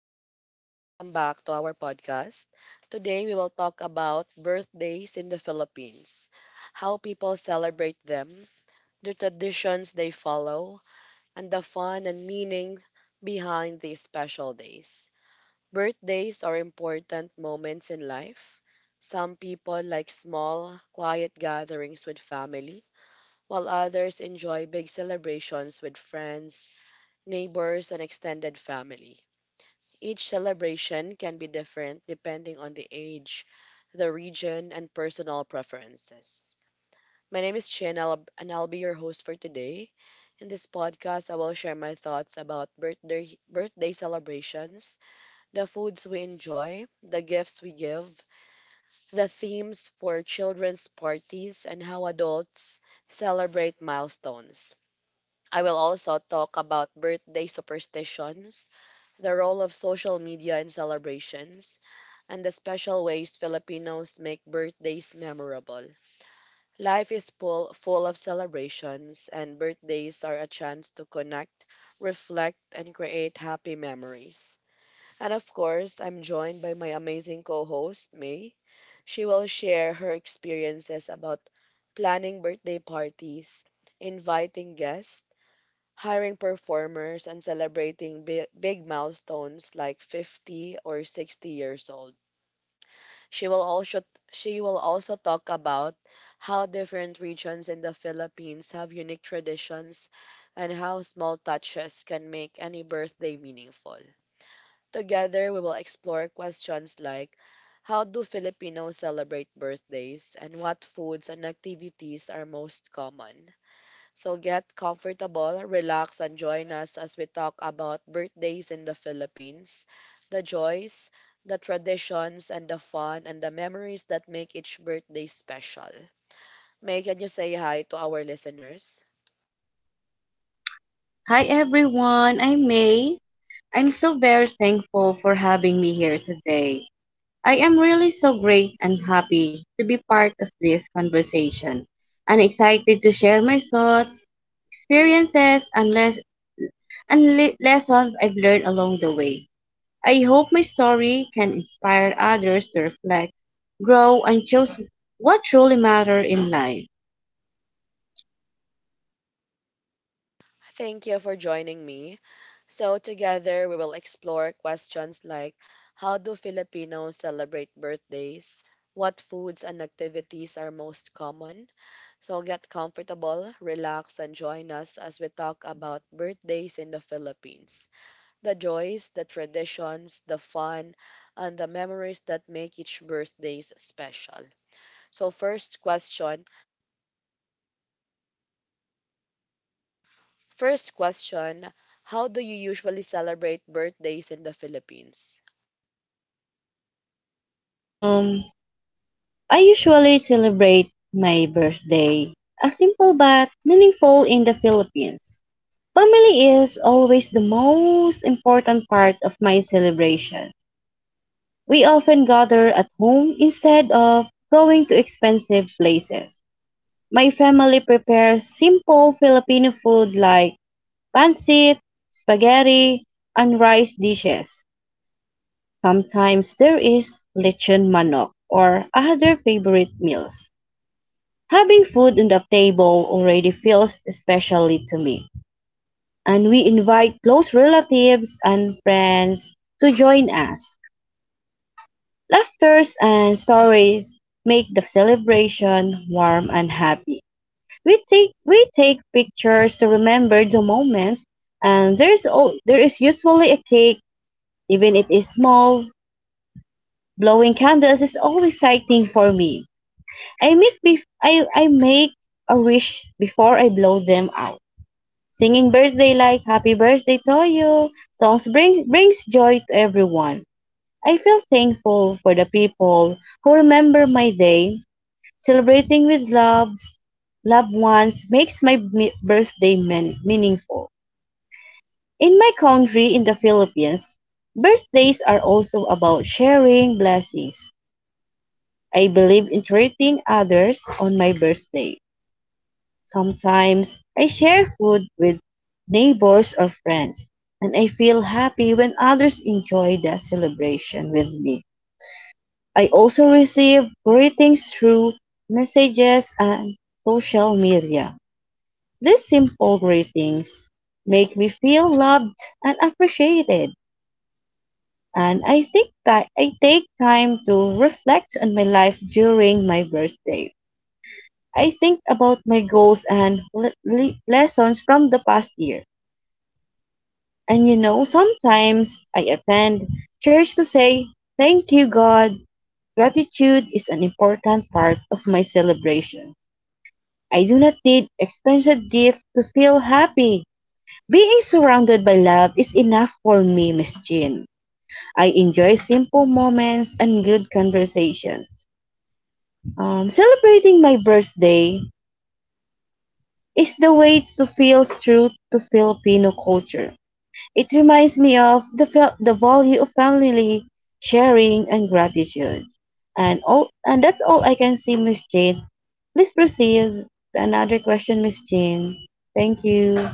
everyone, and welcome back to our podcast. Today we will talk about birthdays in the Philippines, how people celebrate them, the traditions they follow, and the fun and meaning behind these special days. Birthdays are important moments in life. Some people like small, quiet gatherings with family, while others enjoy big celebrations with friends, neighbors, and extended family. Each celebration can be different depending on the age, the region, and personal preferences. My name is Chin. And I'll be your host for today. In this podcast, I will share my thoughts about birthday celebrations, the foods we enjoy, the gifts we give, the themes for children's parties, and how adults celebrate milestones. I will also talk about birthday superstitions, the role of social media in celebrations, and the special ways Filipinos make birthdays memorable. Life is full of celebrations, and birthdays are a chance to connect, reflect, and create happy memories. And of course, I'm joined by my amazing co host, May. She will share her experiences about planning birthday parties, inviting guests, hiring performers, and celebrating big milestones like 50 or 60 years old. She will also she will also talk about how different regions in the Philippines have unique traditions and how small touches can make any birthday meaningful. Together, we will explore questions like how do Filipinos celebrate birthdays, and what foods and activities are most common? So get comfortable, relax, and join us as we talk about birthdays in the Philippines, the joys, the traditions, and the fun and the memories that make each birthday special. May, can you say hi to our listeners? Hi everyone, I'm May. I'm so very thankful for having me here today. I am really so great and happy to be part of this conversation and excited to share my thoughts, experiences, and lessons I've learned along the way. I hope my story can inspire others to reflect, grow, and choose what truly matters in life. Thank you for joining me. So, together we will explore questions like how do Filipinos celebrate birthdays? What foods and activities are most common? So, get comfortable, relax, and join us as we talk about birthdays in the Philippines, the joys, the traditions, the fun, and the memories that make each birthdays special. So, first question: how do you usually celebrate birthdays in the Philippines? Um, I usually celebrate my birthday, a simple but meaningful in the Philippines. Family is always the most important part of my celebration. We often gather at home instead of going to expensive places. My family prepares simple Filipino food like pancit, spaghetti, and rice dishes. Sometimes there is lechon manok or other favorite meals. Having food on the table already feels specially to me, and we invite close relatives and friends to join us. Laughters and stories make the celebration warm and happy. We take pictures to remember the moment, and there is usually a cake, even it is small. Blowing candles is always exciting for me. I make a wish before I blow them out. Singing birthday like "Happy Birthday to you" songs brings joy to everyone. I feel thankful for the people who remember my day. Celebrating with loved ones makes my birthday meaningful. In my country, in the Philippines, birthdays are also about sharing blessings. I believe in treating others on my birthday. Sometimes I share food with neighbors or friends, and I feel happy when others enjoy the celebration with me. I also receive greetings through messages and social media. These simple greetings make me feel loved and appreciated, and I think that I take time to reflect on my life during my birthday. I think about my goals and lessons from the past year. And you know, sometimes I attend church to say, "Thank you, God." Gratitude is an important part of my celebration. I do not need expensive gifts to feel happy. Being surrounded by love is enough for me, Miss Jean. I enjoy simple moments and good conversations. Celebrating my birthday is the way to feel true to Filipino culture. It reminds me of the value of family, sharing, and gratitude. And that's all I can see, Miss Jane. Please proceed. Another question, Miss Jane. Thank you.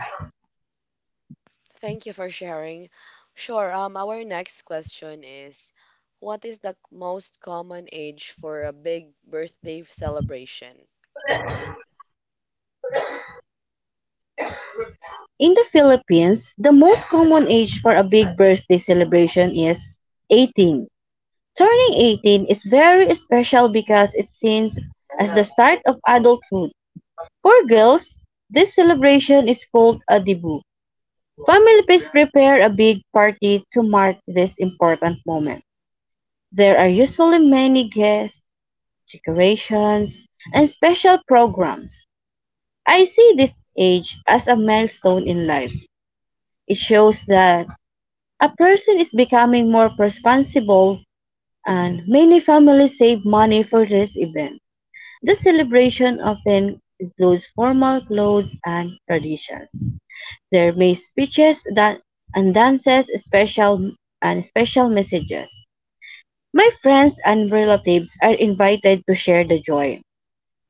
Thank you for sharing. Sure. Our next question is, what is the most common age for a big birthday celebration? In the Philippines, the most common age for a big birthday celebration is 18. Turning 18 is very special because it seems as the start of adulthood. For girls, this celebration is called a debut. Families prepare a big party to mark this important moment. There are usually many guests, decorations, and special programs. I see this age as a milestone in life. It shows that a person is becoming more responsible, and many families save money for this event. The celebration often includes formal clothes and traditions. They made speeches that and dances special and special messages. My friends and relatives are invited to share the joy.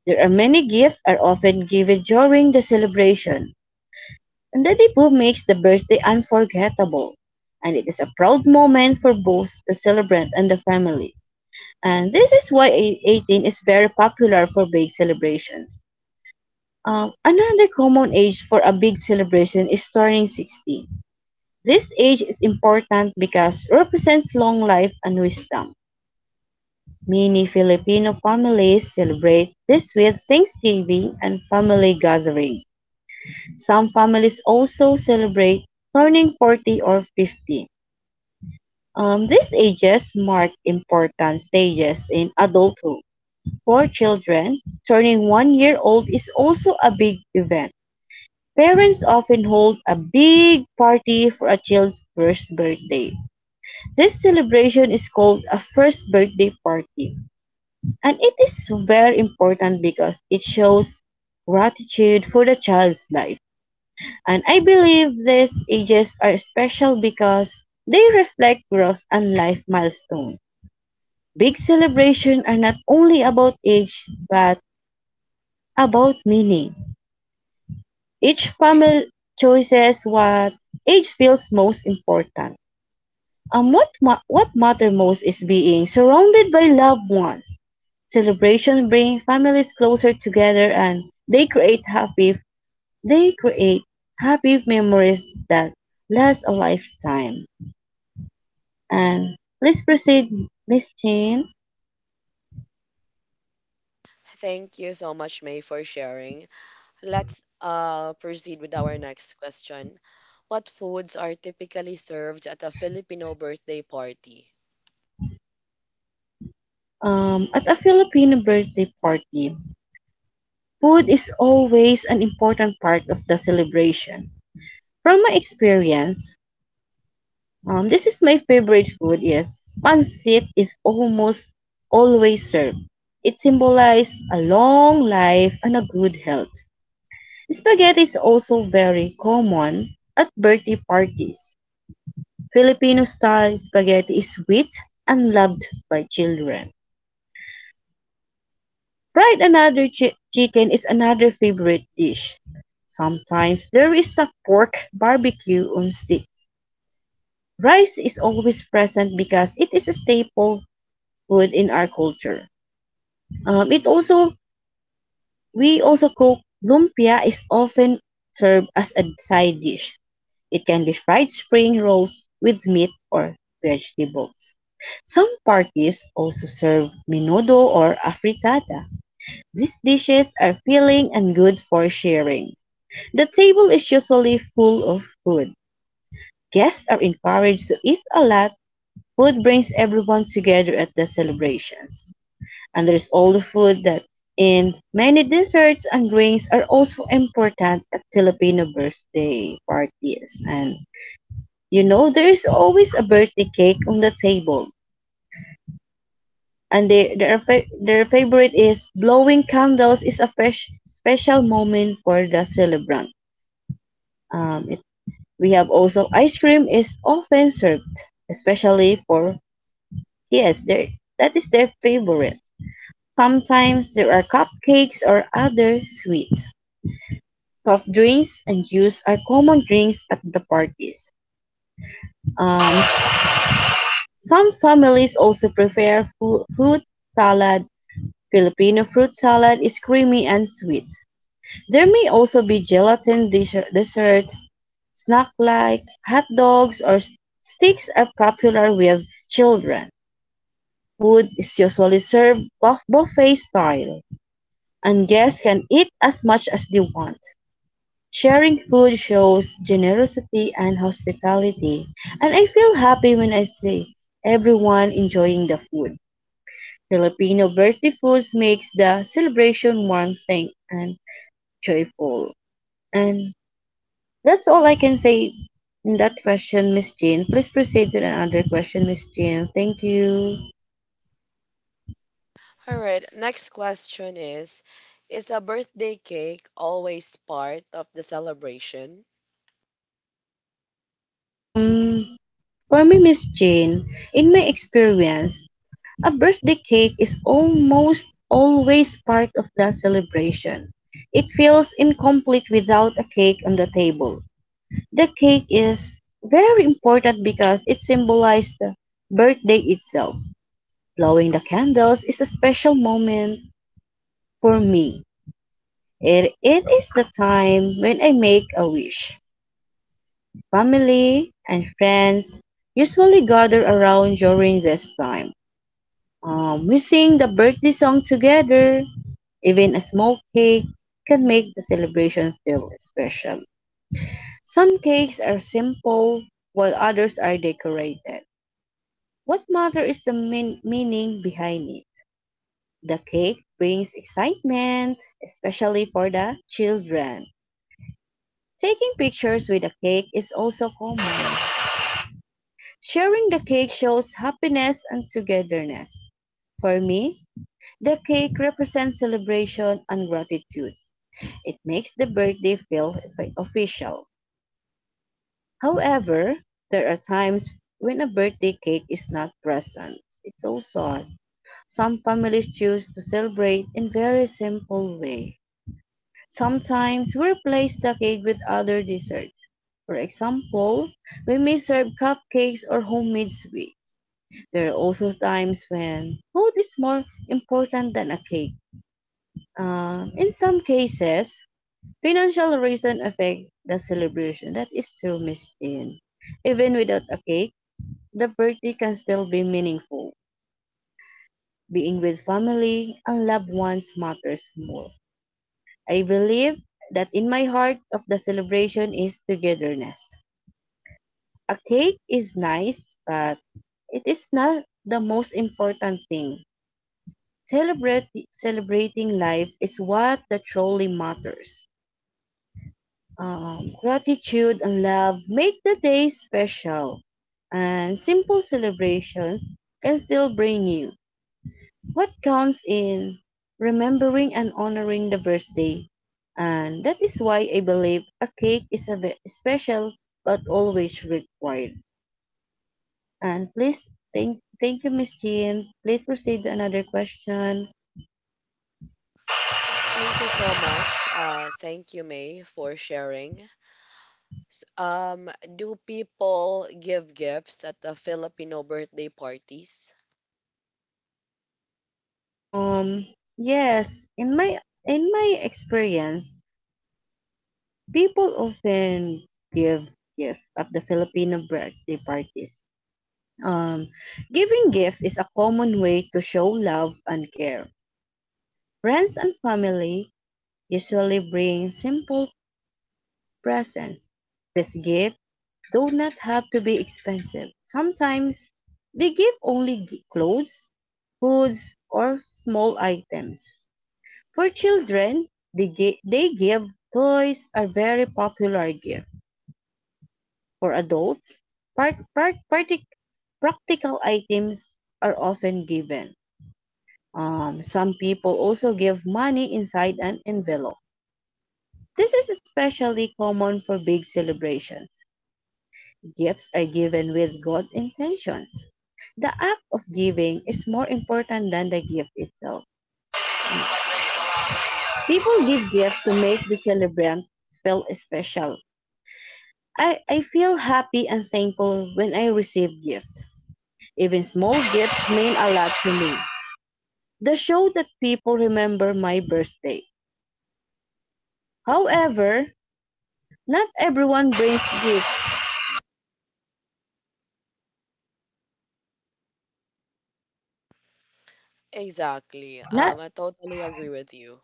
There are many gifts are often given during the celebration, and the Dipu makes the birthday unforgettable. And it is a proud moment for both the celebrant and the family. And this is why 18 is very popular for big celebrations. Another common age for a big celebration is turning 60. This age is important because it represents long life and wisdom. Many Filipino families celebrate this with Thanksgiving and family gathering. Some families also celebrate turning 40 or 50. These ages mark important stages in adulthood. For children, turning one year old is also a big event. Parents often hold a big party for a child's first birthday. This celebration is called a first birthday party, and it is very important because it shows gratitude for the child's life. And I believe these ages are special because they reflect growth and life milestones. Big celebrations are not only about age but about meaning. Each family chooses what age feels most important. And what matters most is being surrounded by loved ones. Celebrations bring families closer together, and they create happy, they create happy memories that last a lifetime. And please proceed, Miss Jane. Thank you so much, May, for sharing. Let's proceed with our next question. What foods are typically served at a Filipino birthday party? At a Filipino birthday party, food is always an important part of the celebration. From my experience, this is my favorite food, yes. Pancit is almost always served. It symbolizes a long life and a good health. Spaghetti is also very common at birthday parties. Filipino style spaghetti is sweet and loved by children. Fried another chicken is another favorite dish. Sometimes there is a pork barbecue on sticks. Rice is always present because it is a staple food in our culture. It also We also cook lumpia is often served as a side dish. It can be fried spring rolls with meat or vegetables. Some parties also serve menudo or afritada. These dishes are filling and good for sharing. The table is usually full of food. Guests are encouraged to eat a lot. Food brings everyone together at the celebrations. And there is all the food that in many desserts and drinks are also important at Filipino birthday parties. And you know, there is always a birthday cake on the table. And their favorite is blowing candles is a fresh, special moment for the celebrant. Um, it, we have also ice cream is often served, especially for yes, there that is their favorite. Sometimes there are cupcakes or other sweets. Soft drinks and juice are common drinks at the parties. Um, s- some families also prepare fruit salad. Filipino fruit salad is creamy and sweet. There may also be gelatin desserts, snack like hot dogs or sticks are popular with children. Food is usually served buffet style, and guests can eat as much as they want. Sharing food shows generosity and hospitality, and I feel happy when I see everyone enjoying the food. Filipino birthday foods makes the celebration warm, thing and joyful. And that's all I can say in that question, Miss Jean. Please proceed to another question, Miss Jean. Thank you. All right. Next question is a birthday cake always part of the celebration? Um, for me, Miss Jane, in my experience, a birthday cake is almost always part of the celebration. It feels incomplete without a cake on the table. The cake is very important because it symbolizes the birthday itself. Blowing the candles is a special moment for me. It is the time when I make a wish. Family and friends usually gather around during this time. We sing the birthday song together. Even a small cake can make the celebration feel special. Some cakes are simple, while others are decorated. What matters is the meaning behind it. The cake brings excitement, especially for the children. Taking pictures with a cake is also common. Sharing the cake shows happiness and togetherness. For me, the cake represents celebration and gratitude. It makes the birthday feel official. However, there are times when a birthday cake is not present. It's so sad. Some families choose to celebrate in very simple way. Sometimes we replace the cake with other desserts. For example, we may serve cupcakes or homemade sweets. There are also times when food is more important than a cake. In some cases, financial reasons affect the celebration. That is true, Miss Jean. Even without a cake, the birthday can still be meaningful. Being with family and loved ones matters more. I believe that in my heart of the celebration is togetherness. A cake is nice, but it is not the most important thing. Celebrating life is what that truly matters. Gratitude and love make the day special, and simple celebrations can still bring you. What counts is remembering and honoring the birthday. And that is why I believe a cake is a bit special but always required. And please thank you, Miss Jean. Please proceed to another question. Thank you so much. Thank you, May, for sharing. S- Um, do people give gifts at the Filipino birthday parties? Um yes, in my experience, people often give gifts at the Filipino birthday parties. Um, Giving gifts is a common way to show love and care. Friends and family usually bring simple presents. These gifts do not have to be expensive. Sometimes they give only clothes, foods, or small items. For children, they give toys are very popular gift. For adults, par- par- partic- practical items are often given. Some people also give money inside an envelope. This is especially common for big celebrations. Gifts are given with good intentions. The act of giving is more important than the gift itself. People give gifts to make the celebrant feel special. I feel happy and thankful when I receive gifts. Even small gifts mean a lot to me. They show that people remember my birthday. However, not everyone brings gifts. Exactly. Not I totally agree with you.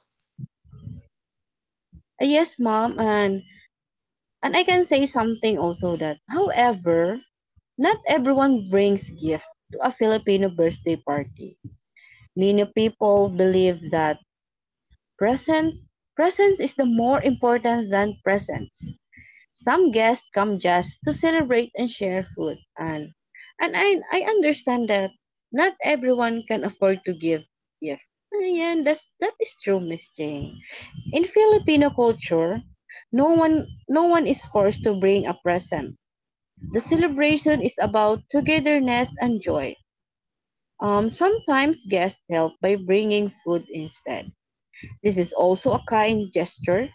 yes, mom, and I can say something also that, however, not everyone brings gifts to a Filipino birthday party. Many people believe that present presence is the more important than presents. Some guests come just to celebrate and share food, and I understand that not everyone can afford to give gifts. Ayan, that is true, Miss Jane. In Filipino culture, no one is forced to bring a present. The celebration is about togetherness and joy. Sometimes guests help by bringing food instead. This is also a kind gesture,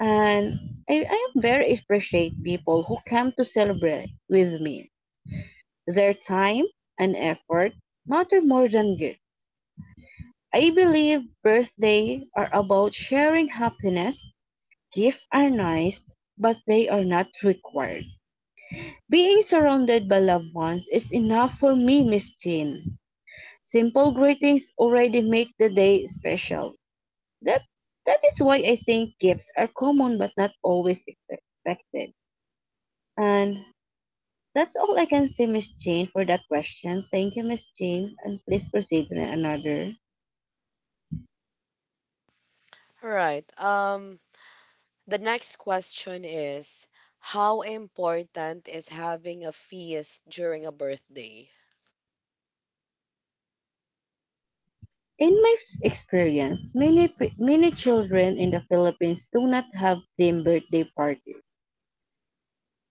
and I very appreciate people who come to celebrate with me. Their time and effort matter more than gifts. I believe birthdays are about sharing happiness. Gifts are nice, but they are not required. Being surrounded by loved ones is enough for me, Miss Jean. Simple greetings already make the day special. That that is why I think gifts are common but not always expected. And that's all I can say, Miss Jane, for that question. Thank you, Miss Jane, and please proceed to another. All right. The next question is, how important is having a feast during a birthday? In my experience, many children in the Philippines do not have themed birthday parties.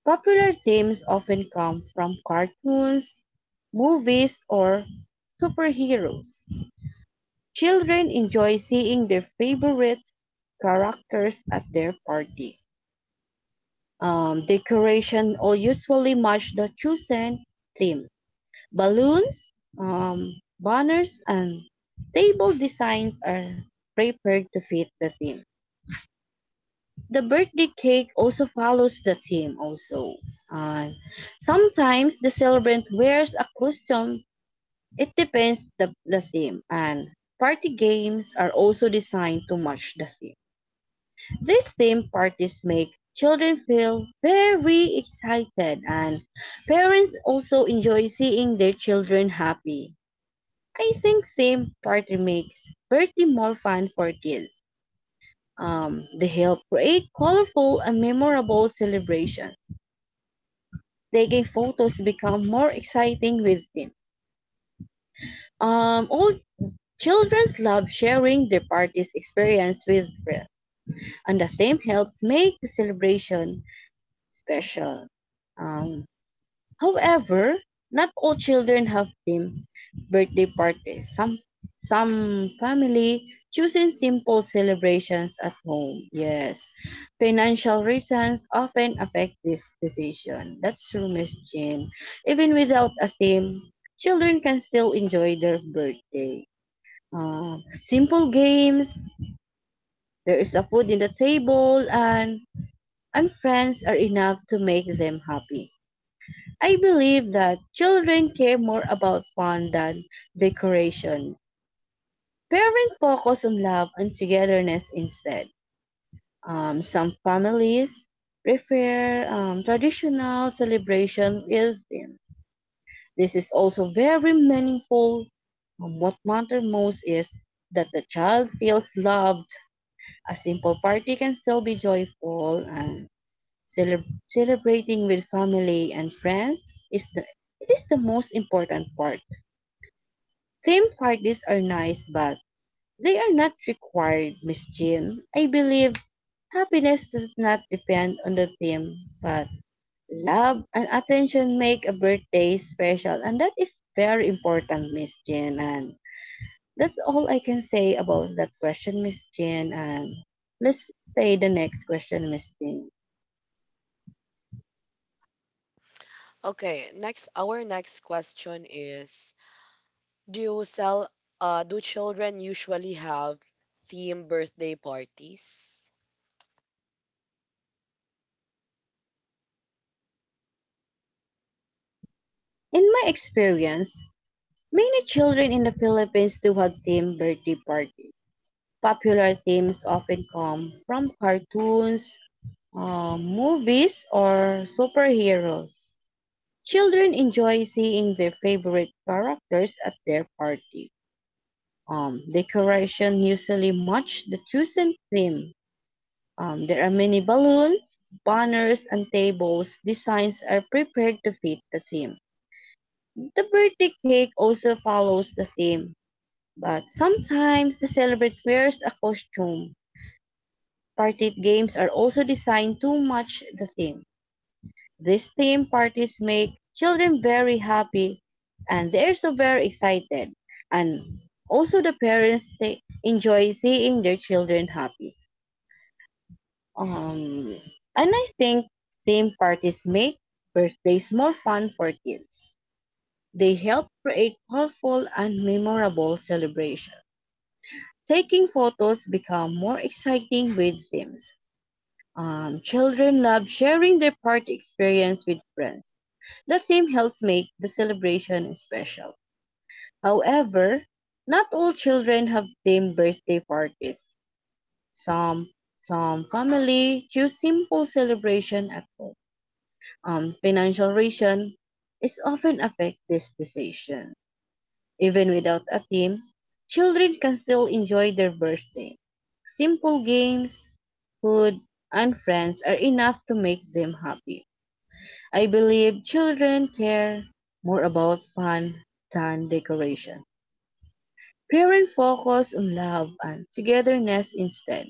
Popular themes often come from cartoons, movies, or superheroes. Children enjoy seeing their favorite characters at their party. Decoration all usually match the chosen theme. Balloons, um, banners, and table designs are prepared to fit the theme. The birthday cake also follows the theme also. Uh, Sometimes the celebrant wears a costume. It depends the theme, and party games are also designed to match the theme. These theme parties make children feel very excited, and parents also enjoy seeing their children happy. I think theme party makes birthday more fun for kids. They help create colorful and memorable celebrations. Taking photos become more exciting with them. All children love sharing their party's experience with friends, and the theme helps make the celebration special. Um, However, not all children have themed birthday parties; some family choosing simple celebrations at home. Yes, financial reasons often affect this decision. That's true, Miss Jean. Even without a theme, children can still enjoy their birthday. Simple games, there is a food in the table, and friends are enough to make them happy. I believe that children care more about fun than decoration. Parents focus on love and togetherness instead. Some families prefer traditional celebration with themes. This is also very meaningful. What matters most is that the child feels loved. A simple party can still be joyful, and celebrating with family and friends is the it is the most important part. Theme parties are nice, but they are not required, Miss Jean. I believe happiness does not depend on the theme, but love and attention make a birthday special, and that is very important, Miss Jean. And that's all I can say about that question, Miss Jean. And let's say the next question, Miss Jean. Okay, next our next question is, do you sell do children usually have theme birthday parties? In my experience, many children in the Philippines do have themed birthday parties. Popular themes often come from cartoons, movies, or superheroes. Children enjoy seeing their favorite characters at their party. Decoration usually match the chosen theme. There are many balloons, banners, and tables. Designs are prepared to fit the theme. The birthday cake also follows the theme. But sometimes the celebrant wears a costume. Party games are also designed to match the theme. These theme parties make children very happy, and they're so very excited. And also the parents say, enjoy seeing their children happy. Um, and I think theme parties make birthdays more fun for kids. They help create colorful and memorable celebrations. Taking photos become more exciting with themes. Children love sharing their party experience with friends. The theme helps make the celebration special. However, not all children have themed birthday parties. Some some family choose simple celebration at home. Financial reason is often affect this decision. Even without a team, children can still enjoy their birthday. Simple games, food, and friends are enough to make them happy. I believe children care more about fun than decoration. Parents focus on love and togetherness instead.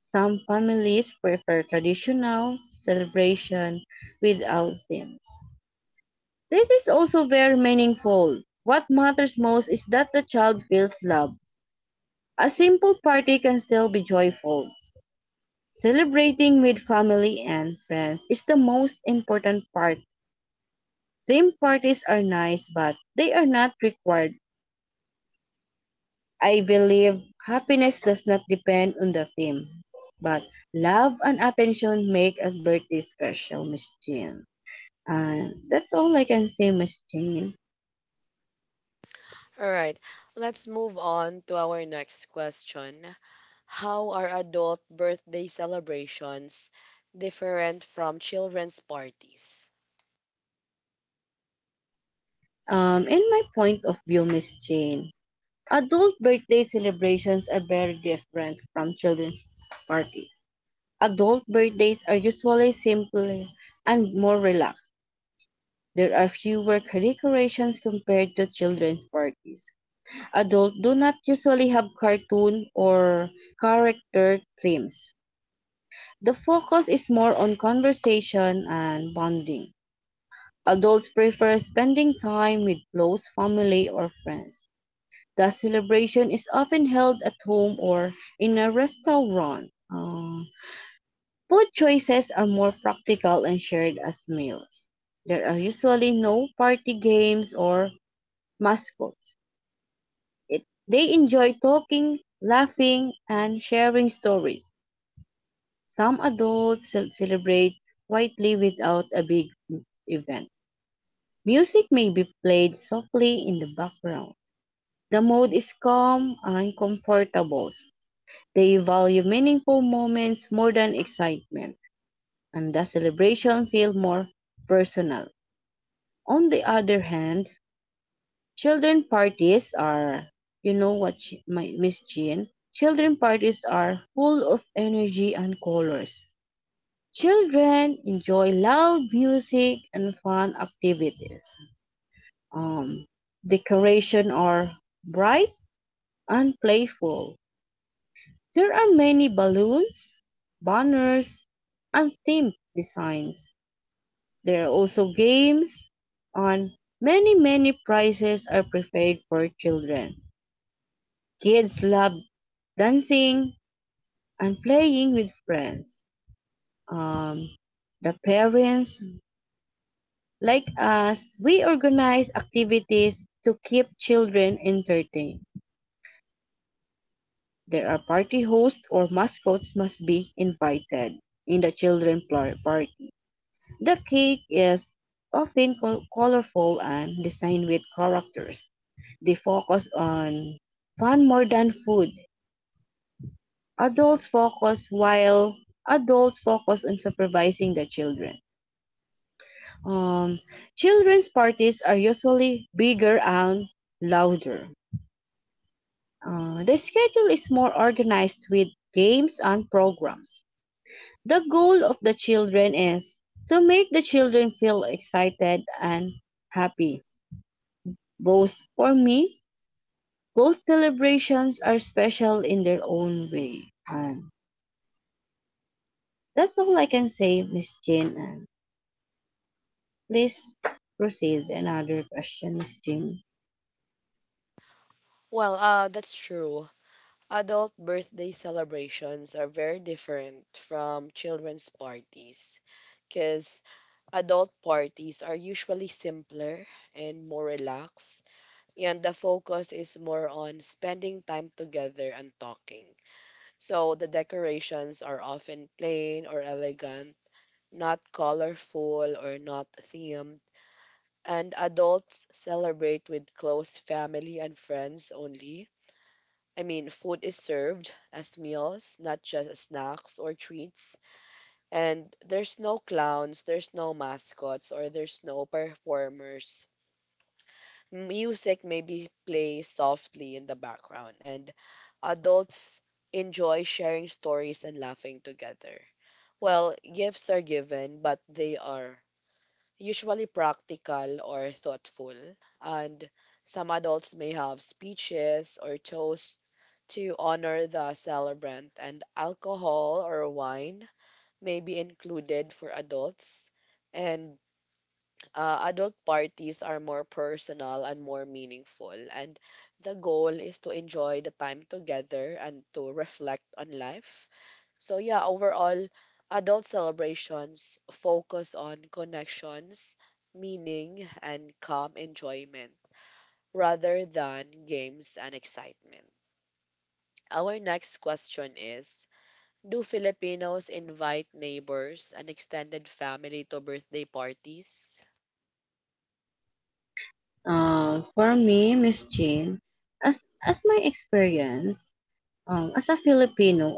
Some families prefer traditional celebration without themes. This is also very meaningful. What matters most is that the child feels loved. A simple party can still be joyful. Celebrating with family and friends is the most important part. Theme parties are nice, but they are not required. I believe happiness does not depend on the theme, but love and attention make a birthday special, Miss Jean. And that's all I can say, Miss Jean. All right, let's move on to our next question. How are adult birthday celebrations different from children's parties? In my point of view, Miss Jean, adult birthday celebrations are very different from children's parties. Adult birthdays are usually simpler and more relaxed. There are fewer decorations compared to children's parties. Adults do not usually have cartoon or character themes. The focus is more on conversation and bonding. Adults prefer spending time with close family or friends. The celebration is often held at home or in a restaurant. Food choices are more practical and shared as meals. There are usually no party games or mascots. It, they enjoy talking, laughing, and sharing stories. Some adults celebrate quietly without a big event. Music may be played softly in the background. The mood is calm and comfortable. They value meaningful moments more than excitement, and the celebration feels more personal. On the other hand, children parties are, you know what, Miss Jean? Children parties are full of energy and colors. Children enjoy loud music and fun activities. Um, Decoration are bright and playful. There are many balloons, banners, and themed designs. There are also games on many prizes are prepared for children. Kids love dancing and playing with friends. Um, the parents, like us, we organize activities to keep children entertained. There are party hosts or mascots must be invited in the children party. The cake is often colorful and designed with characters. They focus on fun more than food. Adults focus while adults focus on supervising the children. Um, Children's parties are usually bigger and louder. The schedule is more organized with games and programs. The goal of the children is to make the children feel excited and happy. Both for me, both celebrations are special in their own way. And that's all I can say, Miss Jean. And please proceed another question, Miss Jean. Well, that's true. Adult birthday celebrations are very different from children's parties because adult parties are usually simpler and more relaxed, and the focus is more on spending time together and talking. So the decorations are often plain or elegant, not colorful or not themed, and adults celebrate with close family and friends only. I mean, food is served as meals, not just as snacks or treats. And there's no clowns, there's no mascots, or there's no performers. Music maybe plays softly in the background, and adults enjoy sharing stories and laughing together. Well, gifts are given, but they are usually practical or thoughtful, and some adults may have speeches or toasts to honor the celebrant, and alcohol or wine may be included for adults, and adult parties are more personal and more meaningful. And the goal is to enjoy the time together and to reflect on life. So, yeah, overall, adult celebrations focus on connections, meaning, and calm enjoyment rather than games and excitement. Our next question is, do Filipinos invite neighbors and extended family to birthday parties? For me, Miss Jean, as my experience, as a Filipino,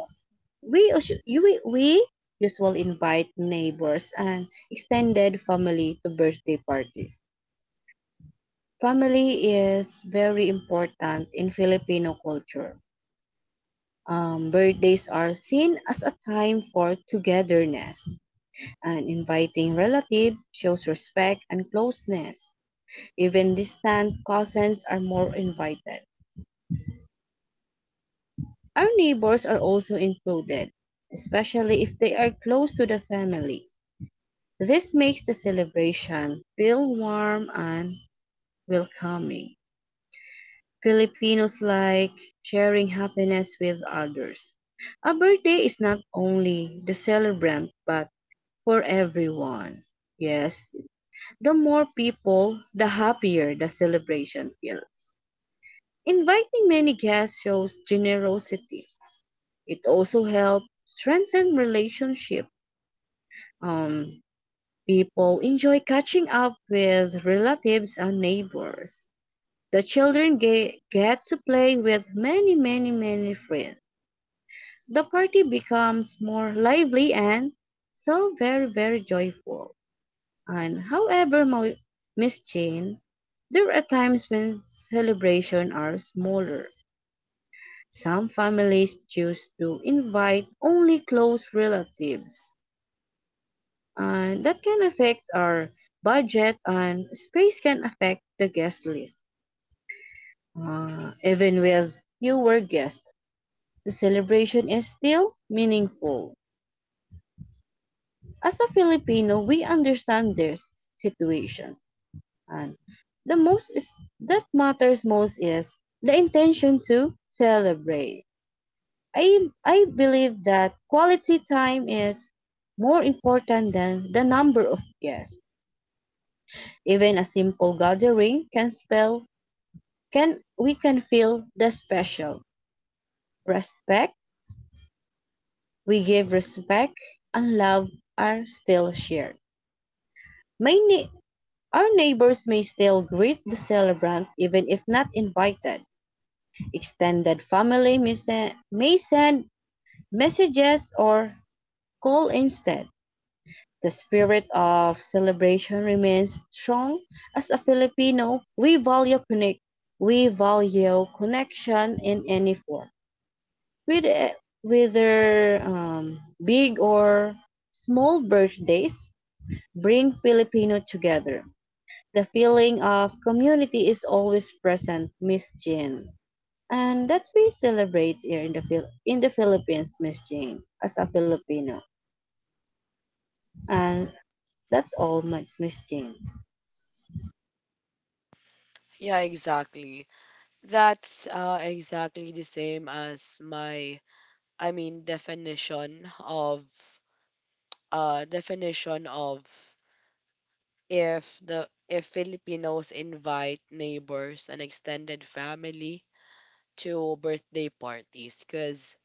we us- you we usually invite neighbors and extended family to birthday parties. Family is very important in Filipino culture. Birthdays are seen as a time for togetherness, and inviting relatives shows respect and closeness. Even distant cousins are more invited. Our neighbors are also included, especially if they are close to the family. This makes the celebration feel warm and welcoming. Filipinos like sharing happiness with others. A birthday is not only the celebrant but for everyone. Yes, the more people, the happier the celebration feels. Inviting many guests shows generosity. It also helps strengthen relationship. Um, People enjoy catching up with relatives and neighbors. The children get to play with many, many, many friends. The party becomes more lively and so very, very joyful. And however, Miss Jane, there are times when celebrations are smaller. Some families choose to invite only close relatives, and that can affect our budget and space can affect the guest list. Even with fewer guests, the celebration is still meaningful. As a Filipino, we understand their situations. And the most is, that matters most is the intention to celebrate. I believe that quality time is more important than the number of guests. Even a simple gathering can feel the special respect we give respect and love are still shared. Many. Our neighbors may still greet the celebrant even if not invited. Extended family may send messages or call instead. The spirit of celebration remains strong. As a Filipino, we value connection in any form, with whether big or small, birthdays bring Filipino together. The feeling of community is always present, Miss Jean. And that we celebrate here in the in the Philippines, Miss Jean, as a Filipino. And that's all, Miss Jean. Yeah, exactly. That's exactly the same as I mean, definition of if Filipinos invite neighbors and extended family to birthday parties, because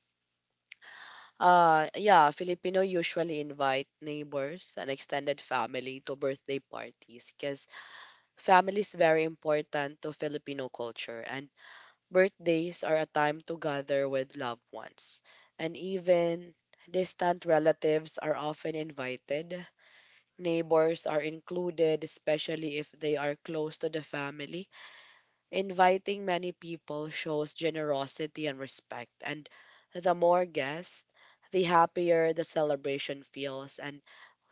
yeah, Filipino usually invite neighbors and extended family to birthday parties because family is very important to Filipino culture, and birthdays are a time to gather with loved ones, and even distant relatives are often invited. Neighbors are included, especially if they are close to the family. Inviting many people shows generosity and respect, and the more guests, the happier the celebration feels. And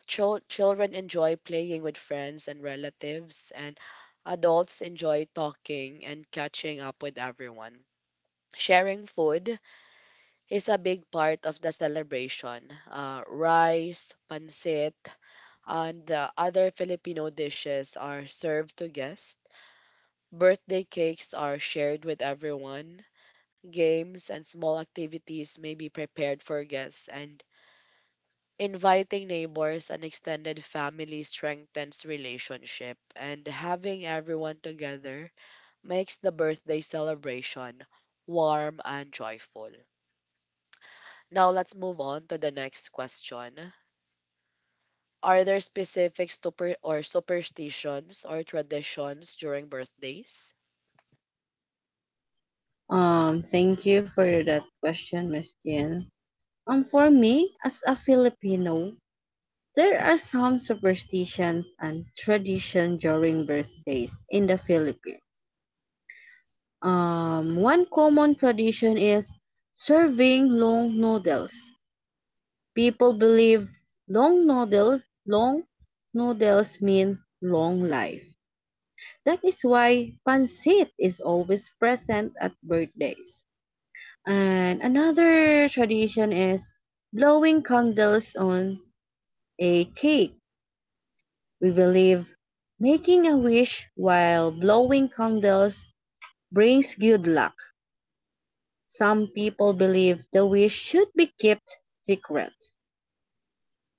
children enjoy playing with friends and relatives, and adults enjoy talking and catching up with everyone. Sharing food is a big part of the celebration. Rice, pancit, and the other Filipino dishes are served to guests. Birthday cakes are shared with everyone. Games and small activities may be prepared for guests, and inviting neighbors and extended family strengthens relationship. And having everyone together makes the birthday celebration warm and joyful. Now let's move on to the next question. Are there specific superstitions or traditions during birthdays? Thank you for that question, Miss Jean. For me, as a Filipino, there are some superstitions and tradition during birthdays in the Philippines. One common tradition is serving long noodles. People believe long noodles mean long life. That is why pancit is always present at birthdays. And another tradition is blowing candles on a cake. We believe making a wish while blowing candles brings good luck. Some people believe the wish should be kept secret.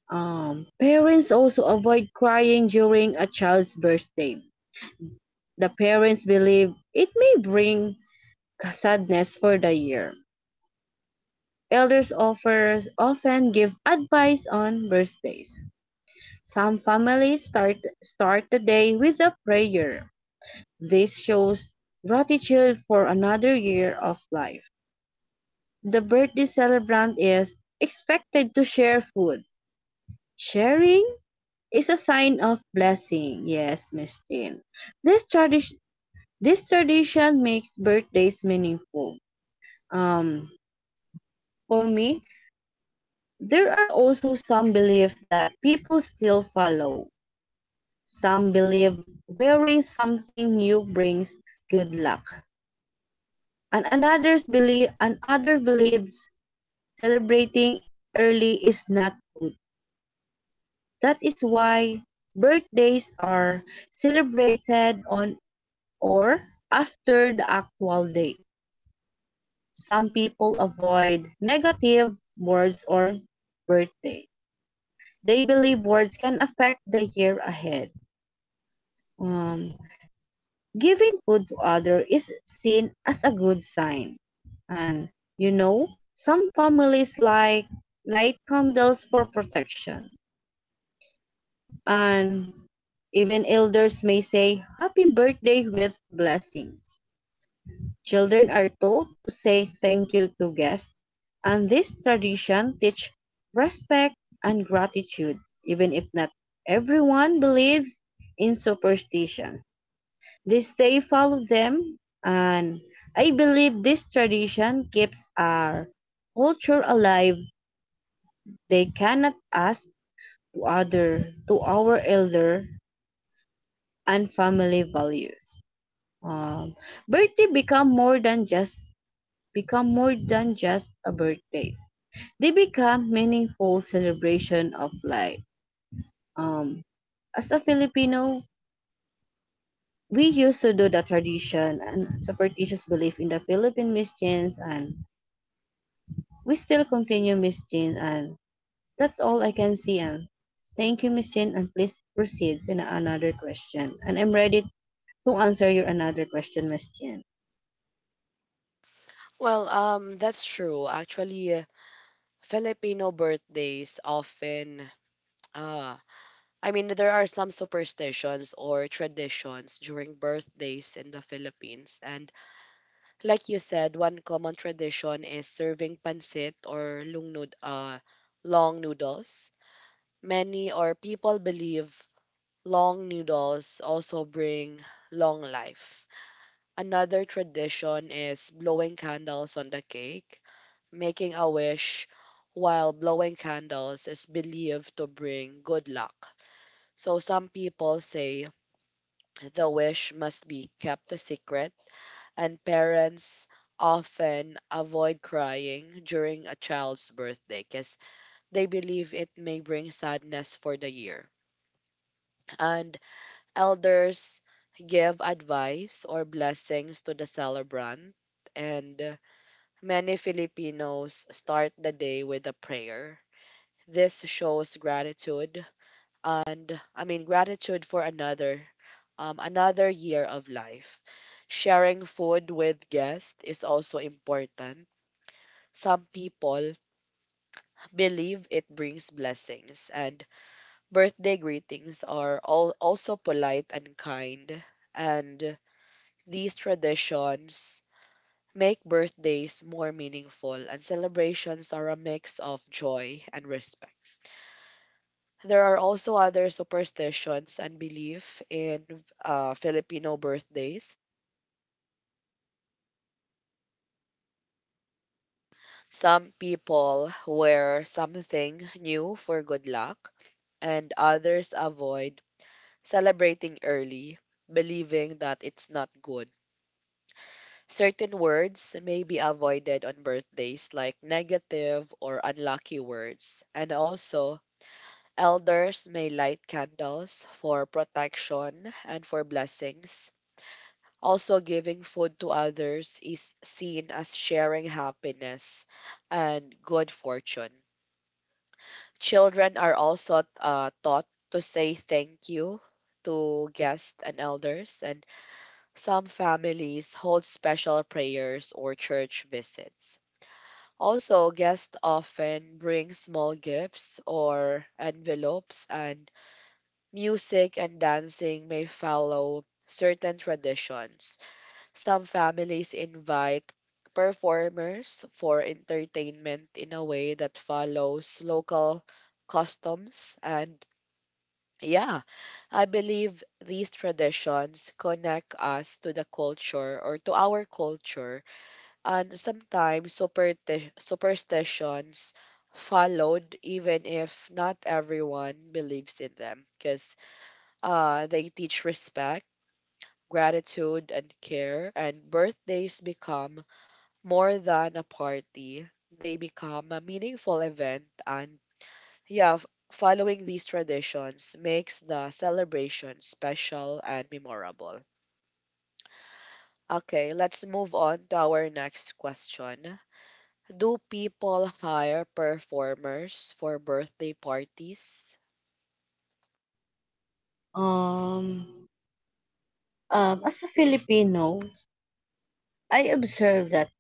Parents also avoid crying during a child's birthday. The parents believe it may bring sadness for the year. Elders often give advice on birthdays. Some start the day with a prayer. This shows gratitude for another year of life. The birthday celebrant is expected to share food. Sharing It's a sign of blessing. Yes, Miss Jane. This tradition this tradition makes birthdays meaningful. Um for me, there are also some beliefs that people still follow. Some believe wearing something new brings good luck. And other believes celebrating early is not good. That is why birthdays are celebrated on or after the actual date. Some people avoid negative words or birthday. They believe words can affect the year ahead. Um, Giving food to others is seen as a good sign. And you know, some families like light candles for protection. And even elders may say happy birthday with blessings. Children are taught to say thank you to guests, and this tradition teach respect and gratitude, even if not everyone believes in superstition. This day follow them, and I believe this tradition keeps our culture alive. They cannot ask to other to our elder and family values. Um, Birthday become more than just a birthday. They become meaningful celebration of life. Um, as a Filipino, we used to do the tradition and superstitious belief in the Philippine Missions, and we still continue Missions, and that's all I can see. And thank you, Miss Jane, and please proceed in another question. And I'm ready to answer your another question, Miss Jane. Well, that's true. Actually, Filipino birthdays often, uh, I mean, there are some superstitions or traditions during birthdays in the Philippines. And like you said, one common tradition is serving pancit or long noodles. Many or People believe long noodles also bring long life. Another tradition is blowing candles on the cake. Making a wish while blowing candles is believed to bring good luck. So some people say the wish must be kept a secret, and parents often avoid crying during a child's birthday because they believe it may bring sadness for the year. And elders give advice or blessings to the celebrant, and many Filipinos start the day with a prayer. This shows gratitude and, I mean, gratitude for another year of life. Sharing food with guests is also important. Some people believe it brings blessings, and birthday greetings are all also polite and kind. And these traditions make birthdays more meaningful, and celebrations are a mix of joy and respect. There are also other superstitions and belief in Filipino birthdays. Some people wear something new for good luck, and others avoid celebrating early, believing that it's not good. Certain words may be avoided on birthdays, like negative or unlucky words. And also, elders may light candles for protection and for blessings. Also, giving food to others is seen as sharing happiness and good fortune. Children are also taught to say thank you to guests and elders, and some families hold special prayers or church visits. Also, guests often bring small gifts or envelopes, and music and dancing may follow certain traditions. Some families invite performers for entertainment in a way that follows local customs, and yeah, I believe these traditions connect us to the culture or to our culture, and sometimes superstitions followed even if not everyone believes in them because they teach respect, gratitude, and care, and birthdays become more than a party, they become a meaningful event, and yeah f- following these traditions makes the celebration special and memorable. Okay, let's move on to our next question. Do people hire performers for birthday parties? Um, as a Filipino, I observe that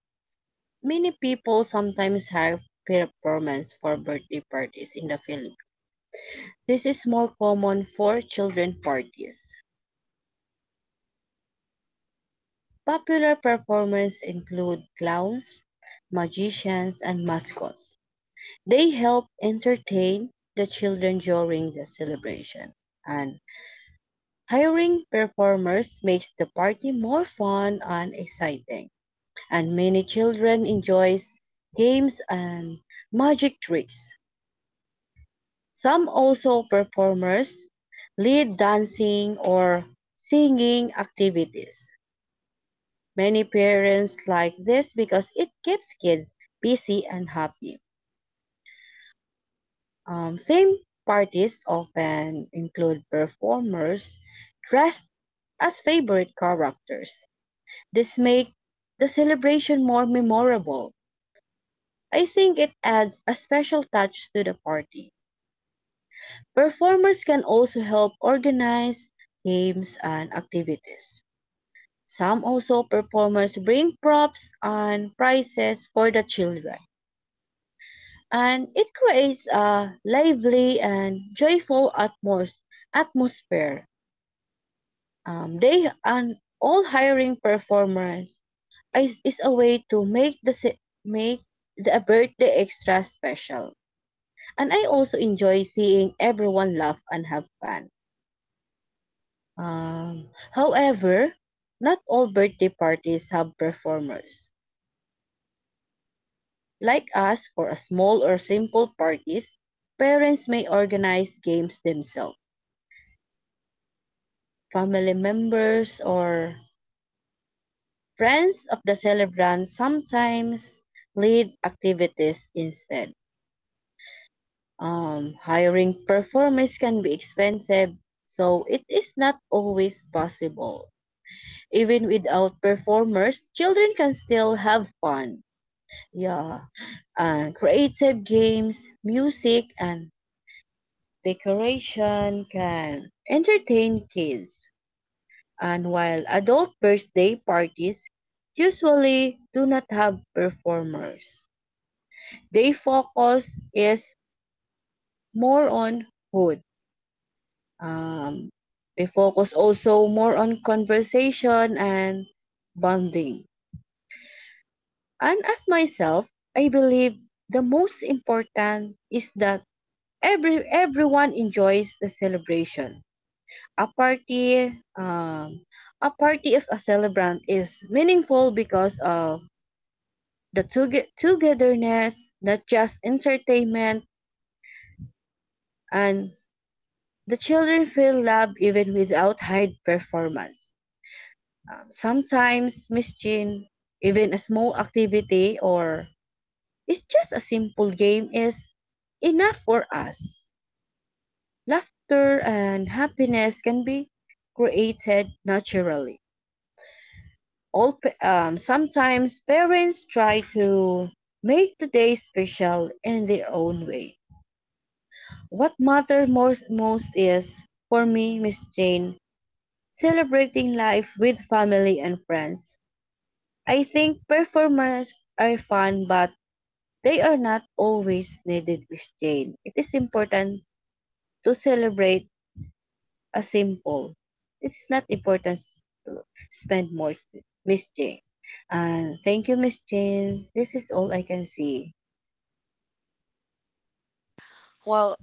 many people sometimes hire performers for birthday parties in the Philippines. This is more common for children parties. Popular performers include clowns, magicians, and mascots. They help entertain the children during the celebration. And hiring performers makes the party more fun and exciting. And many children enjoy games and magic tricks. Some also performers lead dancing or singing activities. Many parents like this because it keeps kids busy and happy. Theme parties often include performers dressed as favorite characters. This makes the celebration more memorable. I think it adds a special touch to the party. Performers can also help organize games and activities. Some also performers bring props and prizes for the children, and it creates a lively and joyful atmosphere. They and all hiring performers is a way to make the birthday extra special. And I also enjoy seeing everyone laugh and have fun. Um, however, not all birthday parties have performers. Like us, for a small or simple parties, parents may organize games themselves. Family members or friends of the celebrant sometimes lead activities instead. Hiring performers can be expensive, so it is not always possible. Even without performers, children can still have fun. Yeah, and creative games, music, and decoration can entertain kids. And while adult birthday parties usually do not have performers, they focus is more on food. Um, they focus also more on conversation and bonding. And as myself, I believe the most important is that everyone enjoys the celebration. A party, um, a party of a celebrant is meaningful because of the togetherness, not just entertainment, and the children feel love even without high performance. Sometimes, Miss Jean, even a small activity or it's just a simple game is enough for us. Laughter and happiness can be created naturally. Sometimes parents try to make the day special in their own way. What matters most is, for me, Miss Jane, celebrating life with family and friends. I think performers are fun, but they are not always needed, Miss Jane. It is important to celebrate a simple, it is not important to spend more, Miss Jane. And thank you, Miss Jane. This is all I can see. Well,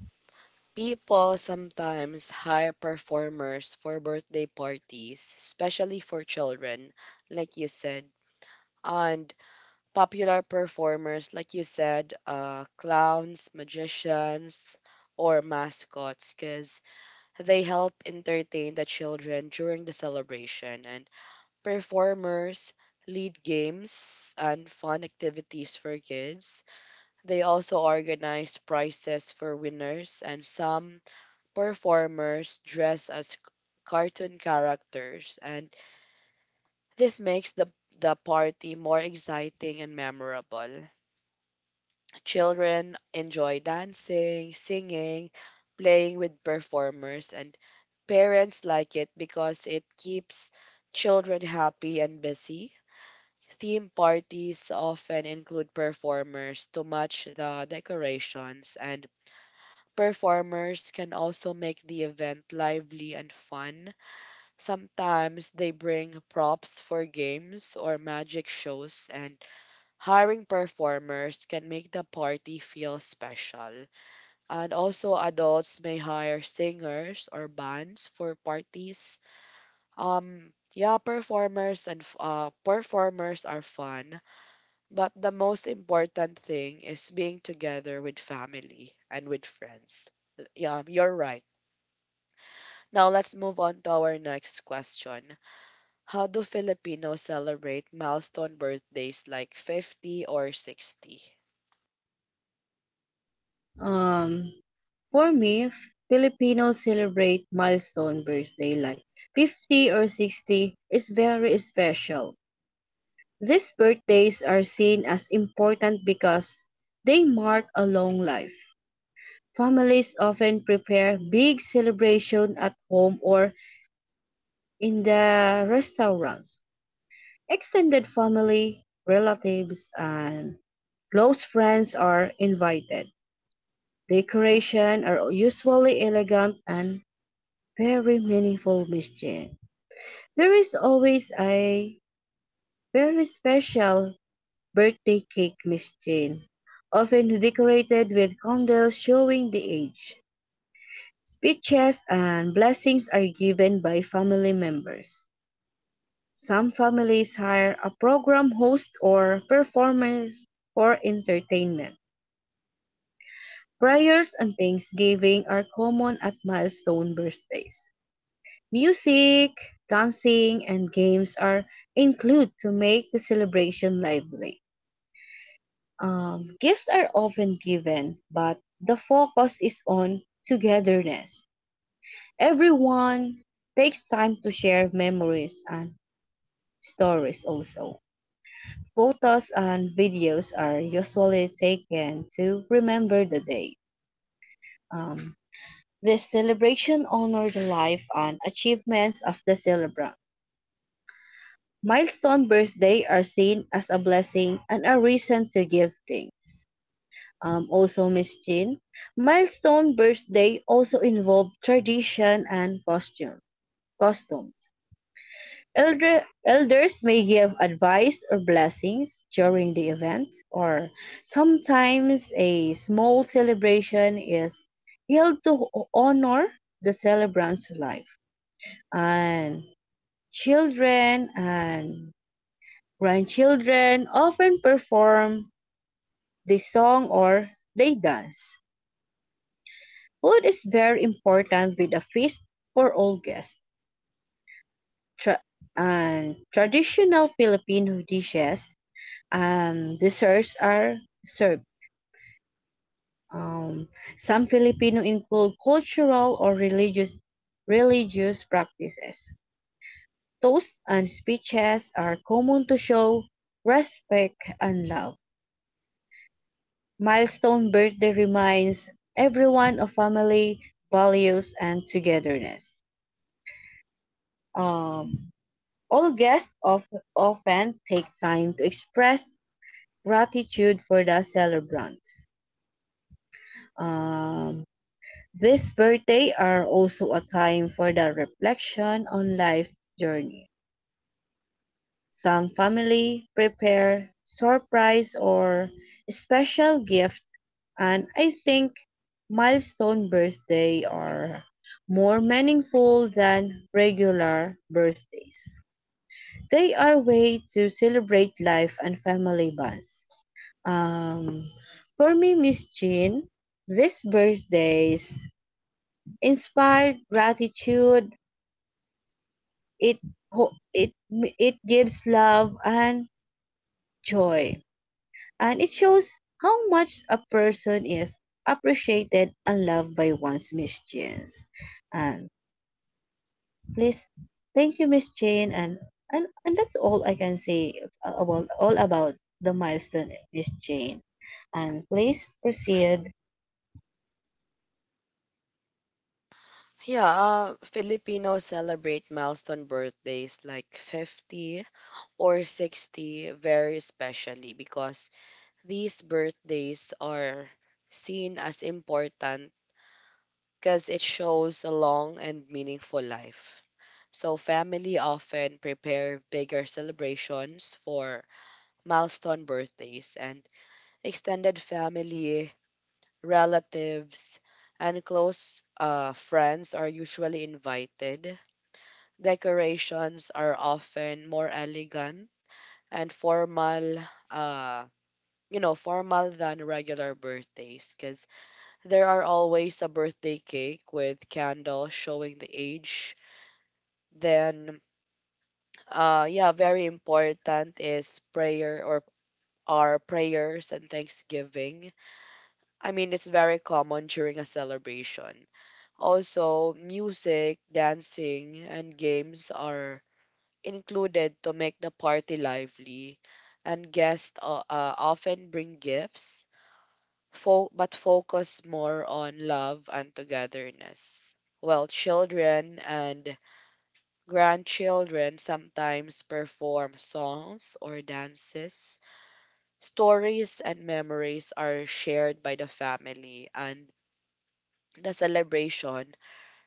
people sometimes hire performers for birthday parties, especially for children, like you said. And popular performers, like you said, clowns, magicians, or mascots, because they help entertain the children during the celebration. And performers lead games and fun activities for kids. They also organize prizes for winners, and some performers dress as cartoon characters, and this makes the party more exciting and memorable. Children enjoy dancing, singing, playing with performers, and parents like it because it keeps children happy and busy. Theme parties often include performers to match the decorations, and performers can also make the event lively and fun. Sometimes they bring props for games or magic shows, and hiring performers can make the party feel special. And also, adults may hire singers or bands for parties. Yeah, performers are fun, but the most important thing is being together with family and with friends. Yeah, you're right. Now let's move on to our next question. How do Filipinos celebrate milestone birthdays like 50 or 60? Um, for me, Filipinos celebrate milestone birthday like 50 or 60 is very special. These birthdays are seen as important because they mark a long life. Families often prepare big celebration at home or in the restaurants. Extended family, relatives and close friends are invited; decorations are usually elegant and very meaningful mischief. There is always a very special birthday cake mischief, often decorated with candles showing the age. Speeches and blessings are given by family members. Some families hire a program host or performer for entertainment. Prayers and thanksgiving are common at milestone birthdays. Music, dancing, and games are included to make the celebration lively. Gifts are often given, but the focus is on togetherness. Everyone takes time to share memories and stories also. Photos and videos are usually taken to remember the day. Um, this celebration honors the life and achievements of the celebrant. Milestone birthday are seen as a blessing and a reason to give thanks. Also, Miss Jean, milestone birthday also involve tradition and costumes. Elders may give advice or blessings during the event, or sometimes a small celebration is held to honor the celebrant's life. And children and grandchildren often perform the song or they dance. Food is very important with a feast for all guests. Tra- and traditional Filipino dishes and desserts are served. Um, some Filipino include cultural or religious practices. Toasts and speeches are common to show respect and love. Milestone birthday reminds everyone of family values and togetherness. Um, all guests often take time to express gratitude for the celebrant. Um, These birthdays are also a time for the reflection on life journey. Some family prepare surprise or special gift and I think milestone birthday are more meaningful than regular birthdays. They are way to celebrate life and family bonds. Um, for me, Miss Jean, these birthdays inspired gratitude, it ho- it gives love and joy, and it shows how much a person is appreciated and loved by one's missions. And please, thank you, Miss Jane, and that's all I can say about all about the milestone, Miss Jane. And please proceed. Yeah, Filipinos celebrate milestone birthdays like 50 or 60 very specially because these birthdays are seen as important because it shows a long and meaningful life. So family often prepare bigger celebrations for milestone birthdays, and extended family, relatives, and close friends are usually invited. Decorations are often more elegant and formal, uh, you know, formal than regular birthdays because there are always a birthday cake with candles showing the age. Then, yeah, very important is prayer or our prayers and thanksgiving. I mean, it's very common during a celebration. Also, music, dancing, and games are included to make the party lively. And guests often bring gifts, but focus more on love and togetherness. Well, children and grandchildren sometimes perform songs or dances. Stories and memories are shared by the family, and the celebration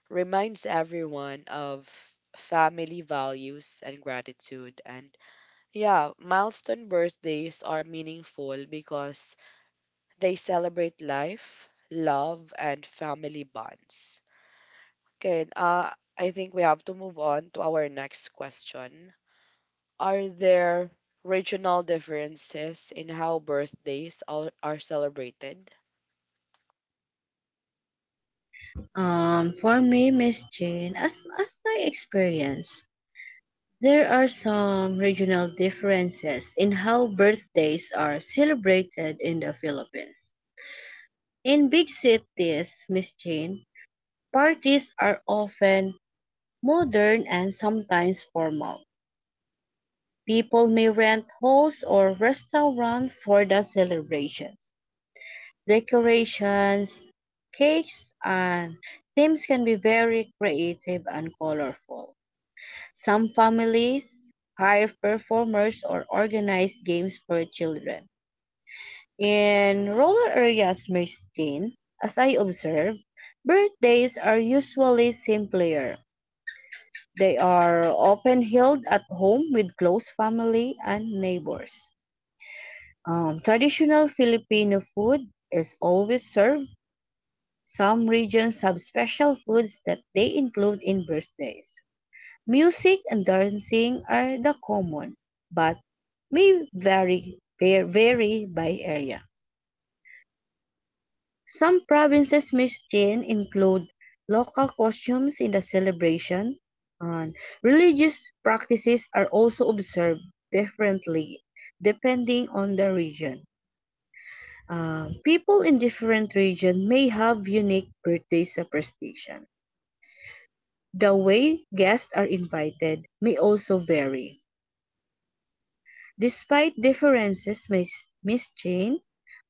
reminds everyone of family values and gratitude. And yeah, milestone birthdays are meaningful because they celebrate life, love, and family bonds. Okay, I think we have to move on to our next question. Are there regional differences in how are celebrated? For me, Miss Jane, as my experience. There are some regional differences in how birthdays are celebrated in the Philippines. In big cities, Miss Jane, parties are often modern and sometimes formal. People may rent halls or restaurants for the celebration. Decorations, cakes, and themes can be very creative and colorful. Some families hire performers or organize games for children. In rural areas, Christine, as I observe, birthdays are usually simpler. They are often held at home with close family and neighbors. Traditional Filipino food is always served. Some regions have special foods that they include in birthdays. Music and dancing are the common, but may vary by area. Some provinces mischief include local costumes in the celebration, and religious practices are also observed differently depending on the region. People in different regions may have unique birthday superstition. The way guests are invited may also vary. Despite differences Miss miscene,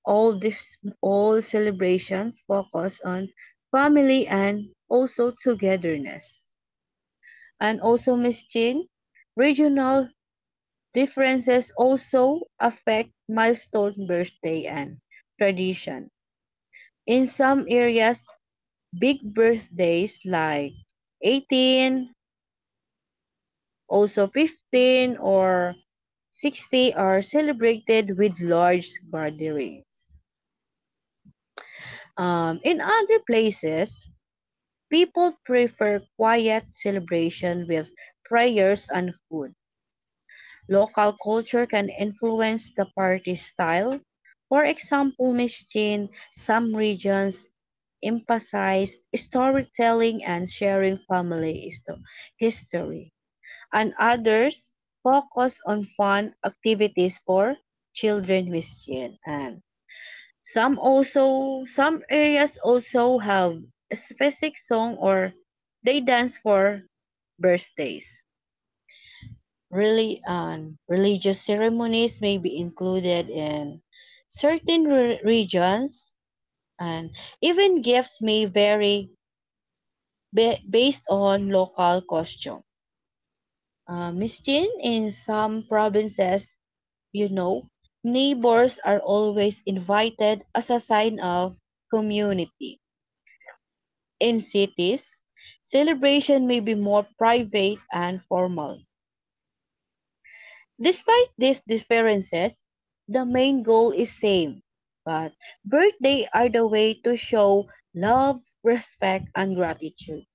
all this, all celebrations focus on family and also togetherness. And also Miss miscene, regional differences also affect milestone birthday and tradition. In some areas, big birthdays like 18, also 15 or 60 are celebrated with large gatherings. In other places, people prefer quiet celebration with prayers and food. Local culture can influence the party style. For example, Mistin, some regions emphasize storytelling and sharing history, and others focus on fun activities for children with Mistin. Some areas also have a specific song or they dance for birthdays. Really, religious ceremonies may be included in regions, and even gifts may vary based on local costume. Miss Jean, in some provinces, you know, neighbors are always invited as a sign of community. In cities, celebration may be more private and formal. Despite these differences, the main goal is same. But birthday are the way to show love, respect, and gratitude.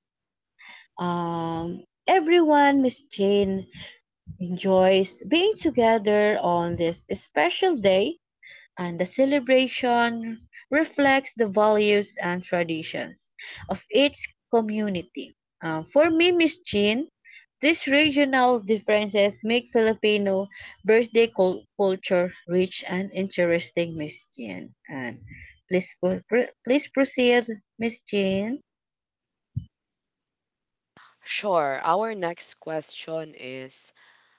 Everyone, Miss Jane, enjoys being together on this special day and the celebration reflects the values and traditions of each community. For me, Miss Jean, these regional differences make Filipino birthday culture rich and interesting, Miss Jean. And please, please proceed, Miss Jean. Sure. Our next question is,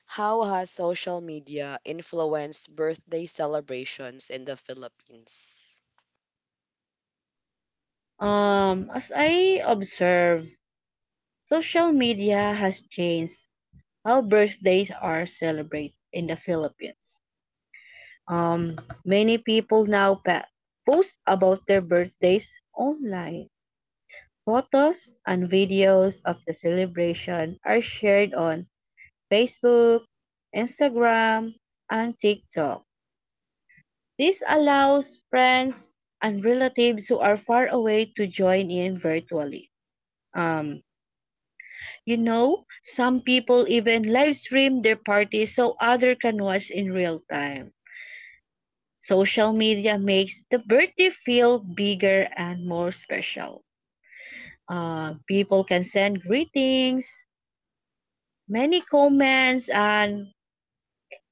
how has social media influenced birthday celebrations in the Philippines? As I observe, social media has changed how birthdays are celebrated in the Philippines. Many people now post about their birthdays online. Photos and videos of the celebration are shared on Facebook, Instagram, and TikTok. This allows friends and relatives who are far away to join in virtually. Um, some people even live stream their parties so other can watch in real time. Social media makes the birthday feel bigger and more special. People can send greetings, many comments, and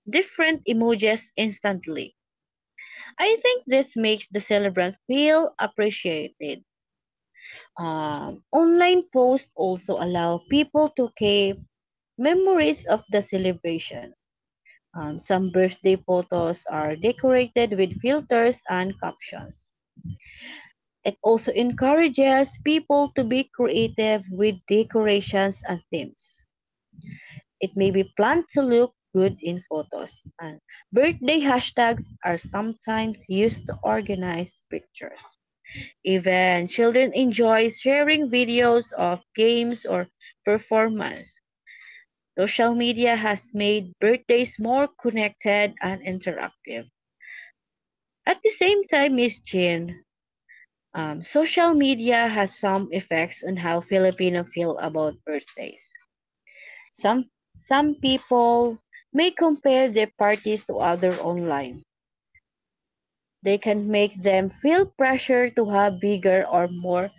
different emojis instantly. I think this makes the celebrant feel appreciated. Online posts also allow people to keep memories of the celebration. Some birthday photos are decorated with filters and captions. It also encourages people to be creative with decorations and themes. It may be planned to look good in photos, and birthday hashtags are sometimes used to organize pictures. Even children enjoy sharing videos of games or performance. Social media has made birthdays more connected and interactive. At the same time, Miss Jean, social media has some effects on how Filipino feel about birthdays. Some some people may compare their parties to other online. They can make them feel pressure to have bigger or more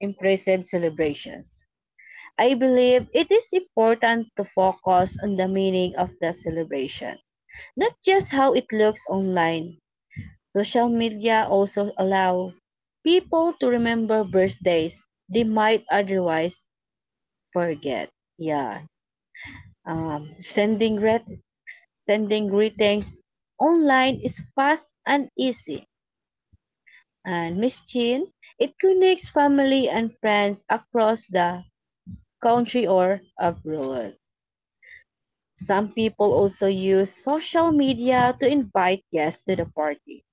impressive celebrations. I believe it is important to focus on the meaning of the celebration, not just how it looks online. Social media also allow people to remember birthdays they might otherwise forget. Yeah. Um, sending grat- Sending greetings online is fast and easy. And Miss Chin, it connects family and friends across the country or abroad. Some people also use social media to invite guests to the party.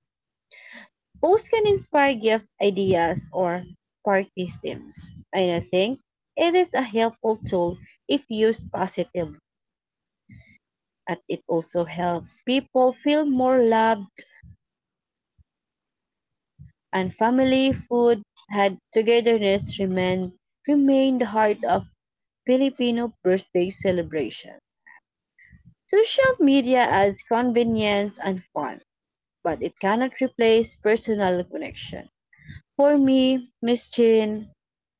Posts can inspire gift ideas or party themes, and I think it is a helpful tool if used positively. And it also helps people feel more loved and family food had togetherness remain the heart of Filipino birthday celebration. Social media adds convenience and fun, but it cannot replace personal connection. For me, Miss Chin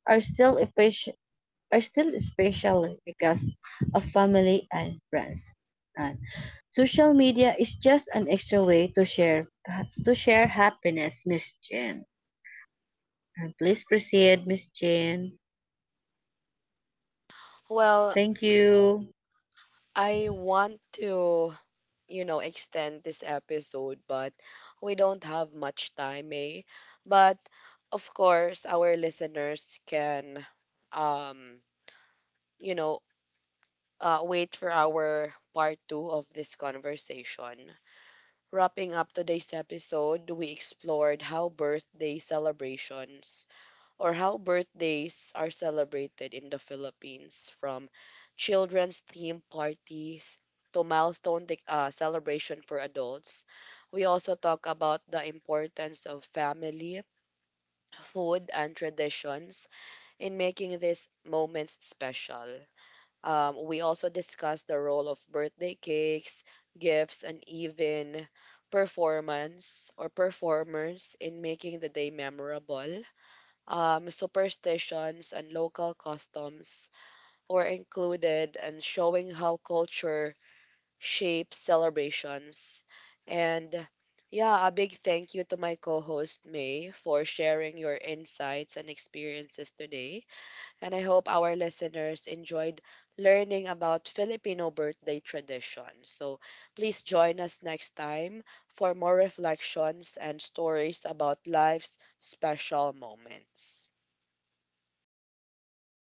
are still are still special because of family and friends. And social media is just an extra way to share happiness, Miss Jane. And please proceed, Miss Jane. Well, Thank you. I want to, you know, extend this episode, but we don't have much time, eh? But of course, our listeners can, um, you know, wait for our part 2 of this conversation. Wrapping up today's episode, we explored how birthday celebrations or how birthdays are celebrated in the Philippines, from children's theme parties to celebration for adults. We also talk about the importance of family, food, and traditions in making these moments special. We also discussed the role of birthday cakes, gifts, and even performance or performers in making the day memorable. Superstitions and local customs were included and showing how culture shapes celebrations. And yeah, a big thank you to my co host May for sharing your insights and experiences today, and I hope our listeners enjoyed learning about Filipino birthday traditions. So please join us next time for more reflections and stories about life's special moments.